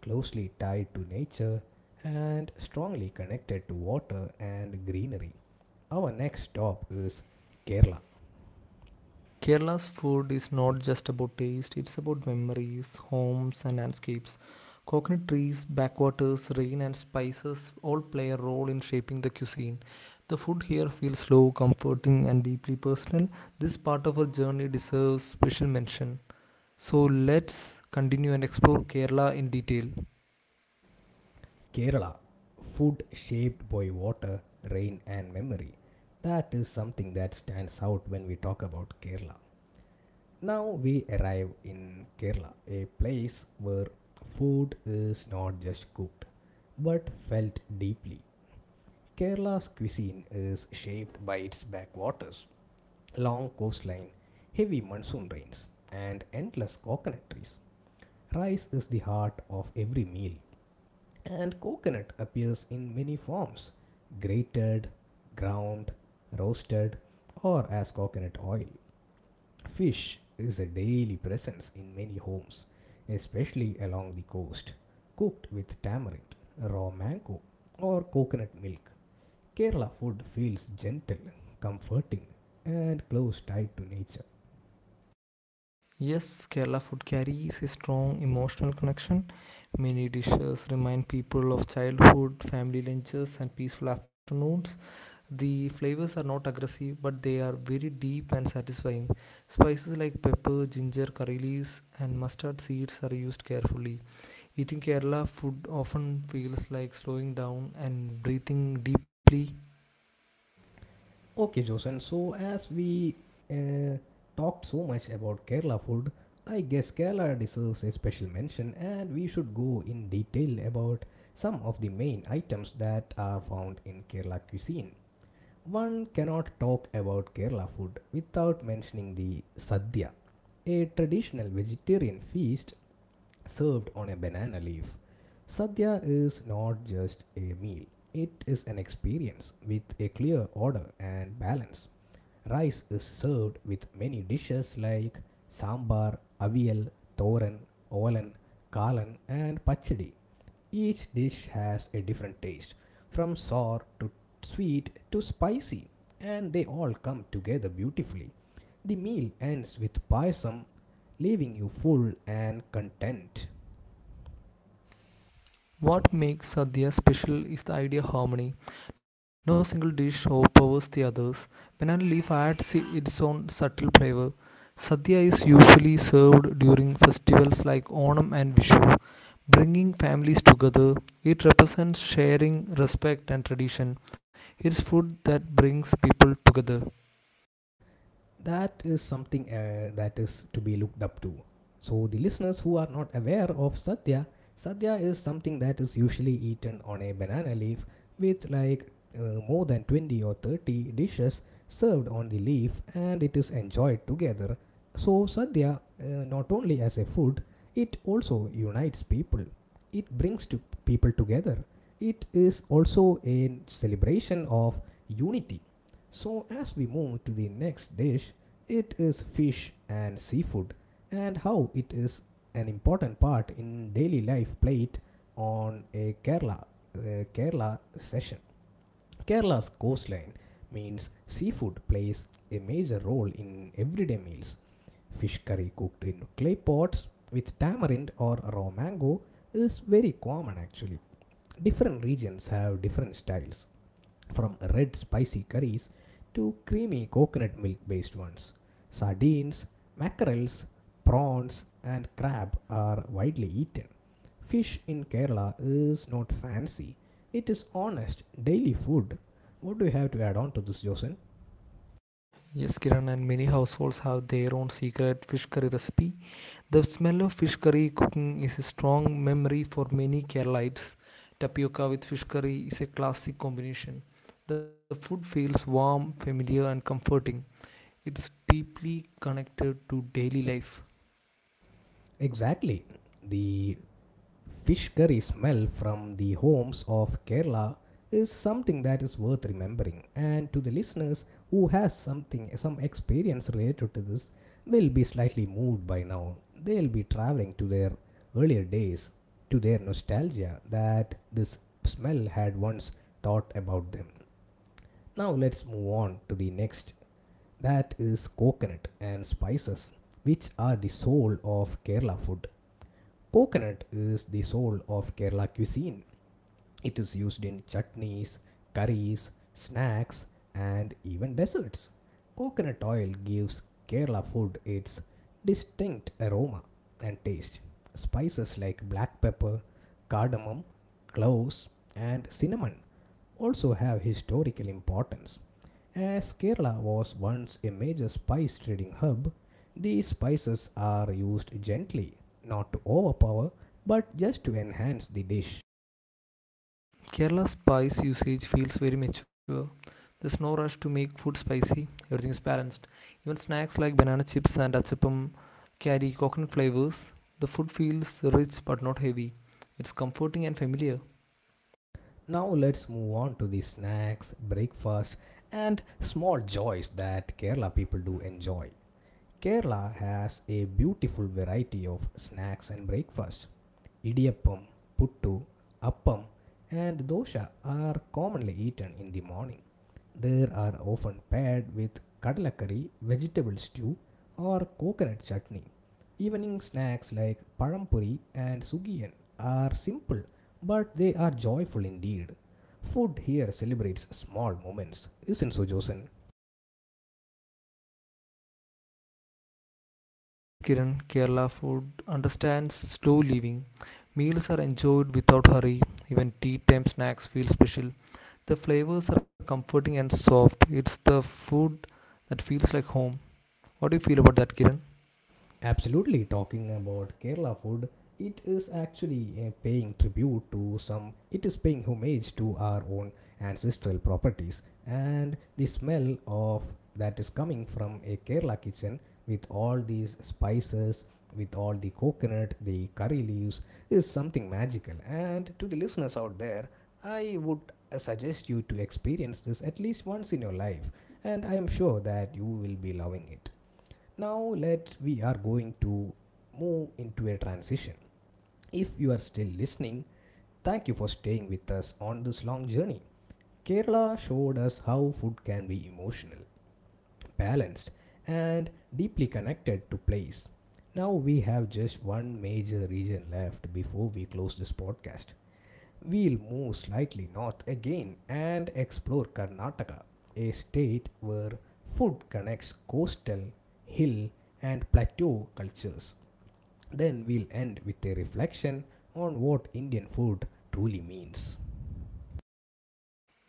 Speaker 1: closely tied to nature, and strongly connected to water and greenery. Our next stop is Kerala.
Speaker 2: Kerala's food is not just about taste, it's about memories, homes, and landscapes. Coconut trees, backwaters, rain, and spices all play a role in shaping the cuisine. The food here feels slow, comforting, and deeply personal. This part of our journey deserves special mention. So let's continue and explore Kerala in detail.
Speaker 1: Kerala, food shaped by water, rain, and memory. That is something that stands out when we talk about Kerala. Now we arrive in Kerala, a place where food is not just cooked but felt deeply. Kerala's cuisine is shaped by its backwaters, long coastline, heavy monsoon rains, and endless coconut trees. Rice is the heart of every meal, and coconut appears in many forms grated, ground, roasted, or as coconut oil. Fish is a daily presence in many homes, especially along the coast, cooked with tamarind, raw mango, or coconut milk. Kerala food feels gentle, comforting, and close tied to nature.
Speaker 2: Yes, Kerala food carries a strong emotional connection. Many dishes remind people of childhood, family lunches, and peaceful afternoons. The flavors are not aggressive, but they are very deep and satisfying. Spices like pepper, ginger, curry leaves, and mustard seeds are used carefully. Eating Kerala food often feels like slowing down and breathing deeply.
Speaker 1: Okay, Josan, so as we uh, talked so much about Kerala food, I guess Kerala deserves a special mention, and we should go in detail about some of the main items that are found in Kerala cuisine. One cannot talk about Kerala food without mentioning the sadhya, a traditional vegetarian feast served on a banana leaf. Sadhya is not just a meal, it is an experience with a clear order and balance. Rice is served with many dishes like sambar, avial, thoran, olan, kalan, and pachadi. Each dish has a different taste, from sour to sweet to spicy, and they all come together beautifully. The meal ends with payasam, leaving you full and content.
Speaker 2: What makes Sadhya special is the idea of harmony. No single dish overpowers the others. Banana leaf adds its own subtle flavor. Sadhya is usually served during festivals like Onam and Vishu, bringing families together. It represents sharing, respect, and tradition. It's food that brings people together.
Speaker 1: that is something uh, that is to be looked up to. So, the listeners who are not aware of sadhya, sadhya is something that is usually eaten on a banana leaf with like uh, more than twenty or thirty dishes served on the leaf and it is enjoyed together. So, sadhya, uh, not only as a food, it also unites people, it brings to people together. It is also a celebration of unity. So, as we move to the next dish, it is fish and seafood, and how it is an important part in daily life plate on a Kerala uh, Kerala session. Kerala's coastline means seafood plays a major role in everyday meals. Fish curry cooked in clay pots with tamarind or raw mango is very common actually. Different regions have different styles from red spicy curries to creamy coconut milk based ones. Sardines, mackerels, prawns, and crab are widely eaten. Fish in Kerala is not fancy, it is honest daily food. What do you have to add on to this, Josen?
Speaker 2: Yes, Kiran, and many households have their own secret fish curry recipe. The smell of fish curry cooking is a strong memory for many Keralites. Tapioca with fish curry is a classic combination. The food feels warm, familiar, and comforting. It's deeply connected to daily life.
Speaker 1: Exactly. The fish curry smell from the homes of Kerala is something that is worth remembering, and to the listeners who has something some experience related to this will be slightly moved by now. They'll be traveling to their earlier days, to their nostalgia that this smell had once taught about them. Now let's move on to the next, that is coconut and spices, which are the soul of Kerala food. Coconut is the soul of Kerala cuisine. It is used in chutneys, curries, snacks, and even desserts. Coconut oil gives Kerala food its distinct aroma and taste. Spices like black pepper, cardamom, cloves, and cinnamon also have historical importance. As Kerala was once a major spice trading hub, these spices are used gently, not to overpower, but just to enhance the dish.
Speaker 2: Kerala's spice usage feels very mature. There's no rush to make food spicy, everything is balanced. Even snacks like banana chips and achapam carry coconut flavors. The food feels rich but not heavy. It's comforting and familiar.
Speaker 1: Now let's move on to the snacks, breakfast, and small joys that Kerala people do enjoy. Kerala has a beautiful variety of snacks and breakfast. Idiyappam, puttu, appam, and dosha are commonly eaten in the morning. They are often paired with kadalakari, vegetable stew, or coconut chutney. Evening snacks like parampuri and sugiyan are simple, but they are joyful indeed. Food here celebrates small moments, isn't so, Josen?
Speaker 2: Yes, Kiran, Kerala food understands slow living. Meals are enjoyed without hurry. Even tea time snacks feel special. The flavors are comforting and soft. It's the food that feels like home. What do you feel about that, Kiran?
Speaker 1: Absolutely, talking about Kerala food, it is actually uh, paying tribute to some, it is paying homage to our own ancestral properties. And the smell of that is coming from a Kerala kitchen, with all these spices, with all the coconut, the curry leaves, is something magical. And to the listeners out there, I would uh, suggest you to experience this at least once in your life. And I am sure that you will be loving it. Now let we are going to move into a transition. If you are still listening, thank you for staying with us on this long journey. Kerala showed us how food can be emotional, balanced, and deeply connected to place. Now we have just one major region left before we close this podcast. We'll move slightly north again and explore Karnataka, a state where food connects coastal, hill, and plateau cultures. Then we'll end with a reflection on what Indian food truly means.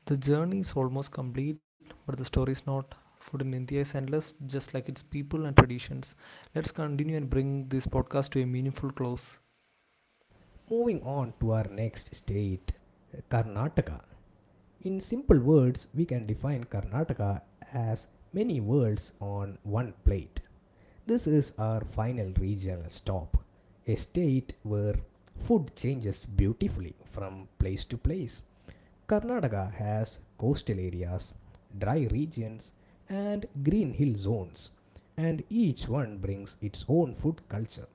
Speaker 2: The journey is almost complete, but the story is not. Food in India is endless, just like its people and traditions. Let's continue and bring this podcast to a meaningful close.
Speaker 1: Moving on to our next state, Karnataka. In simple words, we can define Karnataka as many worlds on one plate. This is our final regional stop, a state where food changes beautifully from place to place. Karnataka has coastal areas, dry regions, and green hill zones, and each one brings its own food culture.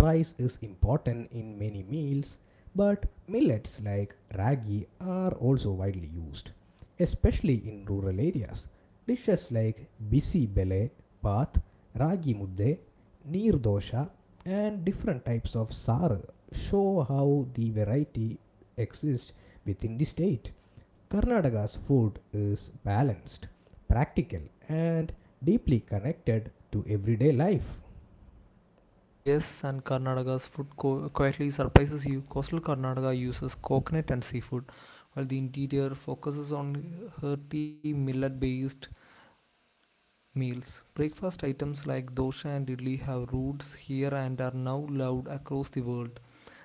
Speaker 1: Rice is important in many meals, but millets like ragi are also widely used, especially in rural areas. Dishes like bisi bele, path, ragi mudde, neer dosha, and different types of saru show how the variety exists within the state. Karnataka's food is balanced, practical, and deeply connected to everyday life.
Speaker 2: Yes, and Karnataka's food co- quietly surprises you. Coastal Karnataka uses coconut and seafood, while the interior focuses on hearty millet-based meals. Breakfast items like dosha and idli have roots here and are now loved across the world.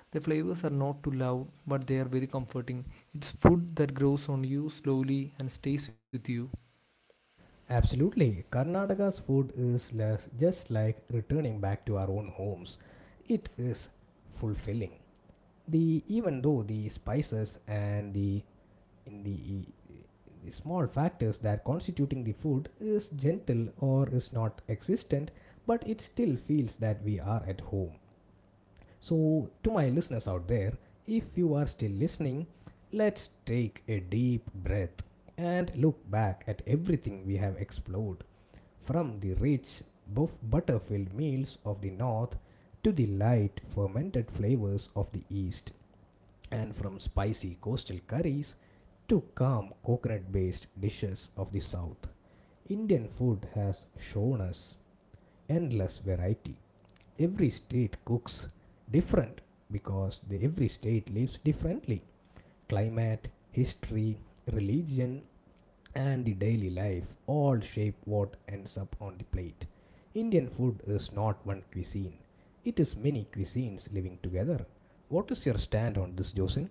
Speaker 2: The flavors are not too loud, but they are very comforting. It's food that grows on you slowly and stays with you.
Speaker 1: Absolutely. Karnataka's food is less, just like returning back to our own homes. It is fulfilling. The even though the spices and the in the, the small factors that constituting the food is gentle or is not existent, but it still feels that we are at home. So, to my listeners out there, if you are still listening, let's take a deep breath and look back at everything we have explored, from the rich buff- butter filled meals of the north to the light fermented flavors of the east, and from spicy coastal curries to calm coconut based dishes of the south. Indian food has shown us endless variety. Every state cooks different because the, every state lives differently. Climate, history, religion, and the daily life all shape what ends up on the plate. Indian food is not one cuisine, it is many cuisines living together. What is your stand on this, Josin?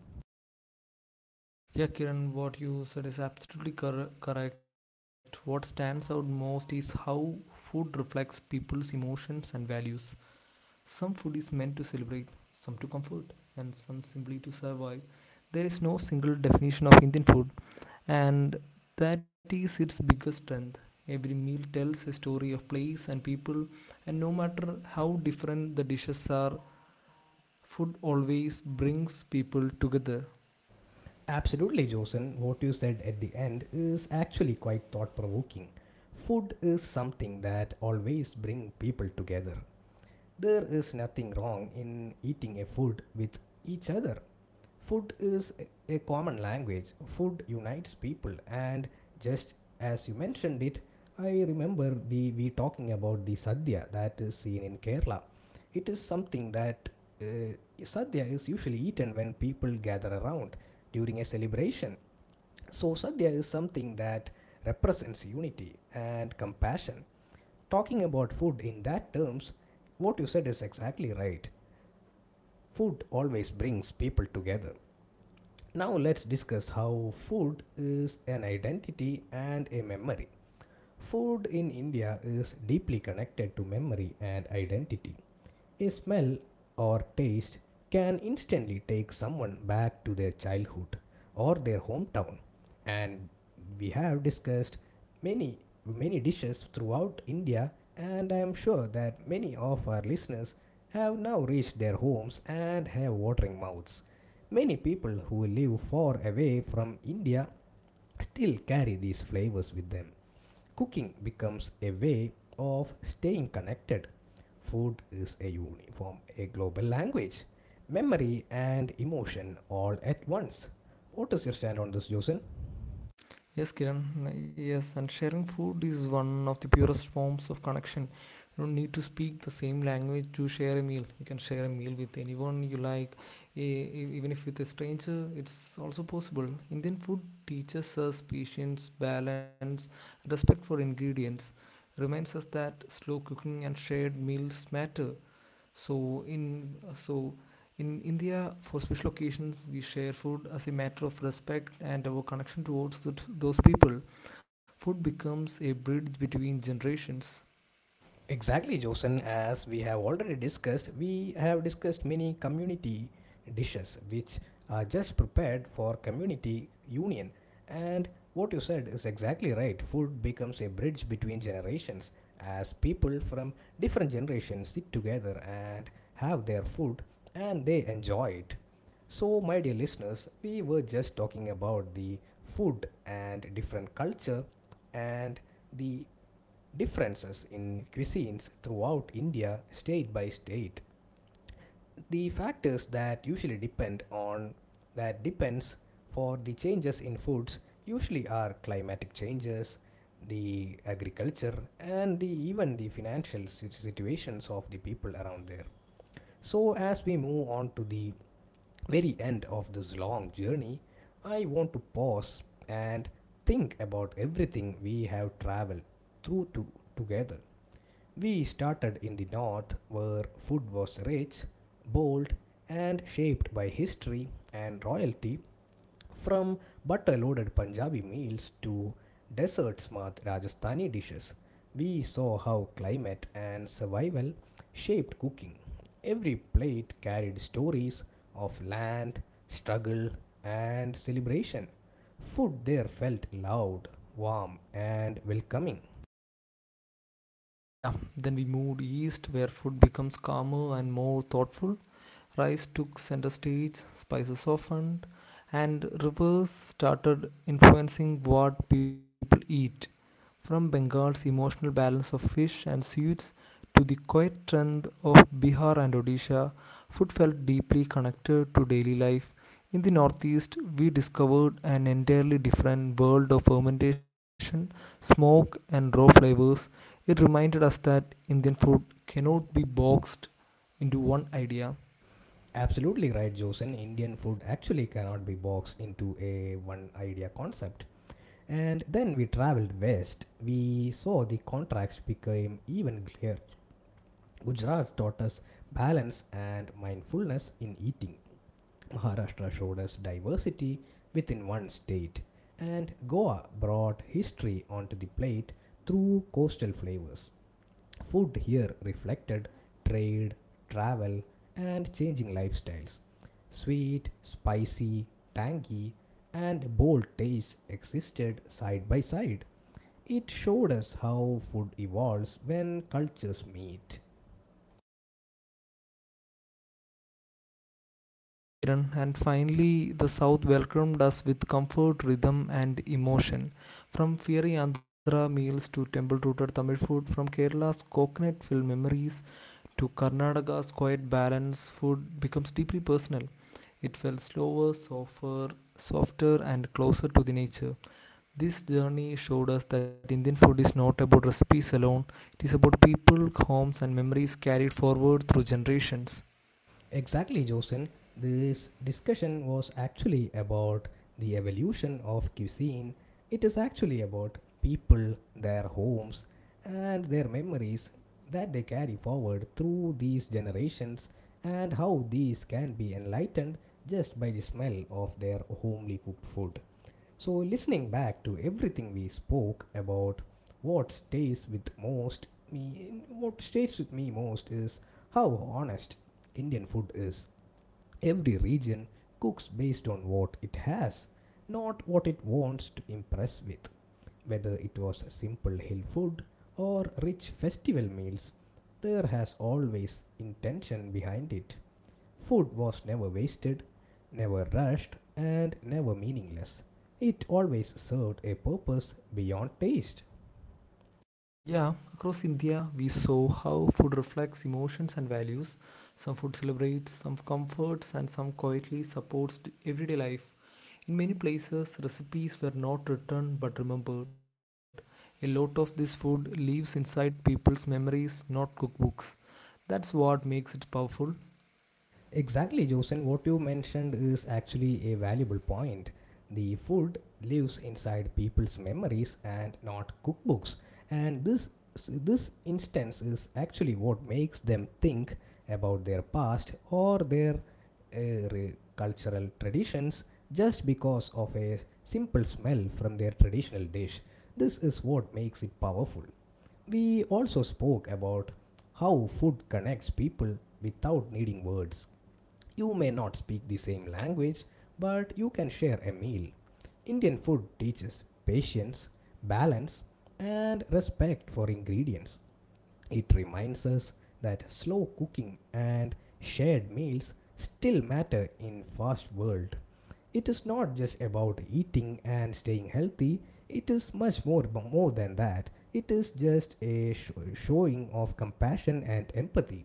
Speaker 2: Yeah, Kiran, what you said is absolutely cor- correct. What stands out most is how food reflects people's emotions and values. Some food is meant to celebrate, some to comfort, and some simply to survive. There is no single definition of Indian food, and that is its biggest strength. Every meal tells a story of place and people, and no matter how different the dishes are, food always brings people together.
Speaker 1: Absolutely, Josin. What you said at the end is actually quite thought provoking. Food is something that always brings people together. There is nothing wrong in eating a food with each other. Food is a common language. Food unites people, and just as you mentioned it, I remember the we talking about the sadhya that is seen in Kerala. It is something that uh, sadhya is usually eaten when people gather around during a celebration. So sadhya is something that represents unity and compassion. Talking about food in that terms, what you said is exactly right. Food always brings people together. Now let's discuss how food is an identity and a memory. Food in India is deeply connected to memory and identity. A smell or taste can instantly take someone back to their childhood or their hometown. And we have discussed many, many dishes throughout India, and I am sure that many of our listeners have now reached their homes and have watering mouths. Many people who live far away from India still carry these flavors with them. Cooking becomes a way of staying connected. Food is a uniform, a global language, memory and emotion all at once. What is your stand on this, Josen?
Speaker 2: Yes, Kiran. Yes, and sharing food is one of the purest forms of connection. You don't need to speak the same language to share a meal. You can share a meal with anyone you like, e- e- even if with a stranger, it's also possible. Indian food teaches us patience, balance, respect for ingredients, reminds us that slow cooking and shared meals matter. So in uh, so in India, for special occasions, we share food as a matter of respect and our connection towards th- those people. Food becomes a bridge between generations.
Speaker 1: Exactly, Josen. As we have already discussed, we have discussed many community dishes which are just prepared for community union. And what you said is exactly right. Food becomes a bridge between generations as people from different generations sit together and have their food and they enjoy it. So, my dear listeners, we were just talking about the food and different culture and the differences in cuisines throughout India state by state. The factors that usually depend on that depends for the changes in foods usually are climatic changes, the agriculture and the, even the financial si- situations of the people around there. So as we move on to the very end of this long journey, I want to pause and think about everything we have traveled through to together. We started in the north where food was rich, bold, and shaped by history and royalty, from butter loaded Punjabi meals to dessert smart Rajasthani dishes. We saw how climate and survival shaped cooking. Every plate carried stories of land, struggle, and celebration. Food there felt loud, warm, and welcoming.
Speaker 2: Yeah, then we moved east where food becomes calmer and more thoughtful. Rice took center stage, spices softened, and rivers started influencing what people eat. From Bengal's emotional balance of fish and sweets to the quiet strength of Bihar and Odisha, food felt deeply connected to daily life. In the Northeast, we discovered an entirely different world of fermentation, smoke, and raw flavors. It reminded us that Indian food cannot be boxed into one idea.
Speaker 1: Absolutely right, Josen. Indian food actually cannot be boxed into a one idea concept. And then we traveled west. We saw the contrast became even clearer. Gujarat taught us balance and mindfulness in eating. Maharashtra showed us diversity within one state. And Goa brought history onto the plate through coastal flavors. Food here reflected trade, travel, and changing lifestyles. Sweet, spicy, tangy, and bold tastes existed side by side. It showed us how food evolves when cultures meet.
Speaker 2: Yeah, Kiran, and finally, the South welcomed us with comfort, rhythm, and emotion. From fiery Andhra meals to temple rooted Tamil food, from Kerala's coconut filled memories to Karnataka's quiet balance, food becomes deeply personal. It felt slower, softer, softer, and closer to the nature. This journey showed us that Indian food is not about recipes alone, it is about people, homes, and memories carried forward through generations.
Speaker 1: Exactly, Josen. This discussion was actually about the evolution of cuisine. It is actually about people, their homes, and their memories that they carry forward through these generations, and how these can be enlightened just by the smell of their homely cooked food. So, listening back to everything we spoke about, what stays with most me, what stays with me most is how honest Indian food is. Every region cooks based on what it has, not what it wants to impress with. Whether it was simple hill food or rich festival meals, there has always intention behind it. Food was never wasted, never rushed, and never meaningless. It always served a purpose beyond taste.
Speaker 2: Yeah, across India, we saw how food reflects emotions and values. Some food celebrates, some comforts, and some quietly supports d- everyday life. In many places, recipes were not written but remembered. A lot of this food lives inside people's memories, not cookbooks. That's what makes it powerful.
Speaker 1: Exactly, Josen. What you mentioned is actually a valuable point. The food lives inside people's memories and not cookbooks. And this this instance is actually what makes them think about their past or their uh, re- cultural traditions just because of a simple smell from their traditional dish. This is what makes it powerful. We also spoke about how food connects people without needing words. You may not speak the same language, but you can share a meal. Indian food teaches patience, balance, and respect for ingredients. It reminds us that slow cooking and shared meals still matter in fast world. It is not just about eating and staying healthy. It is much more more than that. It is just a sh- showing of compassion and empathy.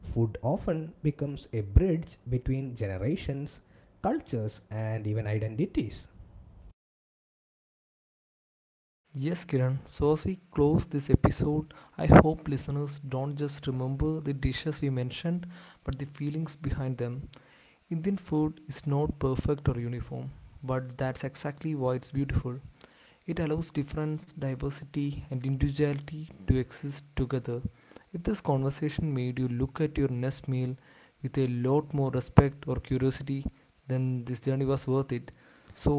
Speaker 1: Food often becomes a bridge between generations, cultures and even identities.
Speaker 2: Yes, Kiran, so as we close this episode, I hope listeners don't just remember the dishes we mentioned, but the feelings behind them. Indian food is not perfect or uniform, but that's exactly why it's beautiful. It allows difference, diversity, and individuality to exist together. If this conversation made you look at your next meal with a lot more respect or curiosity, then this journey was worth it.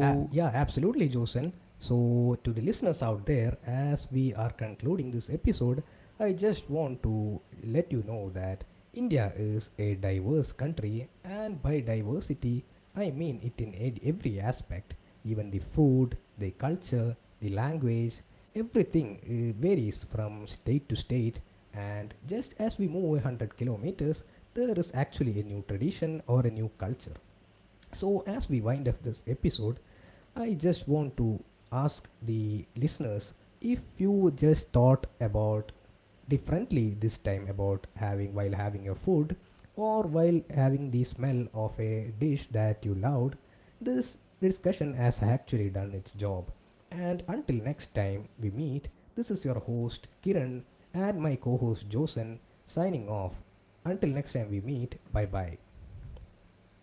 Speaker 1: Uh, yeah, absolutely, Josen. So, to the listeners out there, as we are concluding this episode, I just want to let you know that India is a diverse country, and by diversity, I mean it in ed- every aspect, even the food, the culture, the language, everything uh, varies from state to state. And just as we move one hundred kilometers, there is actually a new tradition or a new culture. So, as we wind up this episode, I just want to ask the listeners, if you just thought about differently this time about having while having your food or while having the smell of a dish that you loved, this discussion has actually done its job. And until next time we meet, this is your host Kiran and my co host Josen signing off. Until next time we meet, bye bye.
Speaker 2: bye.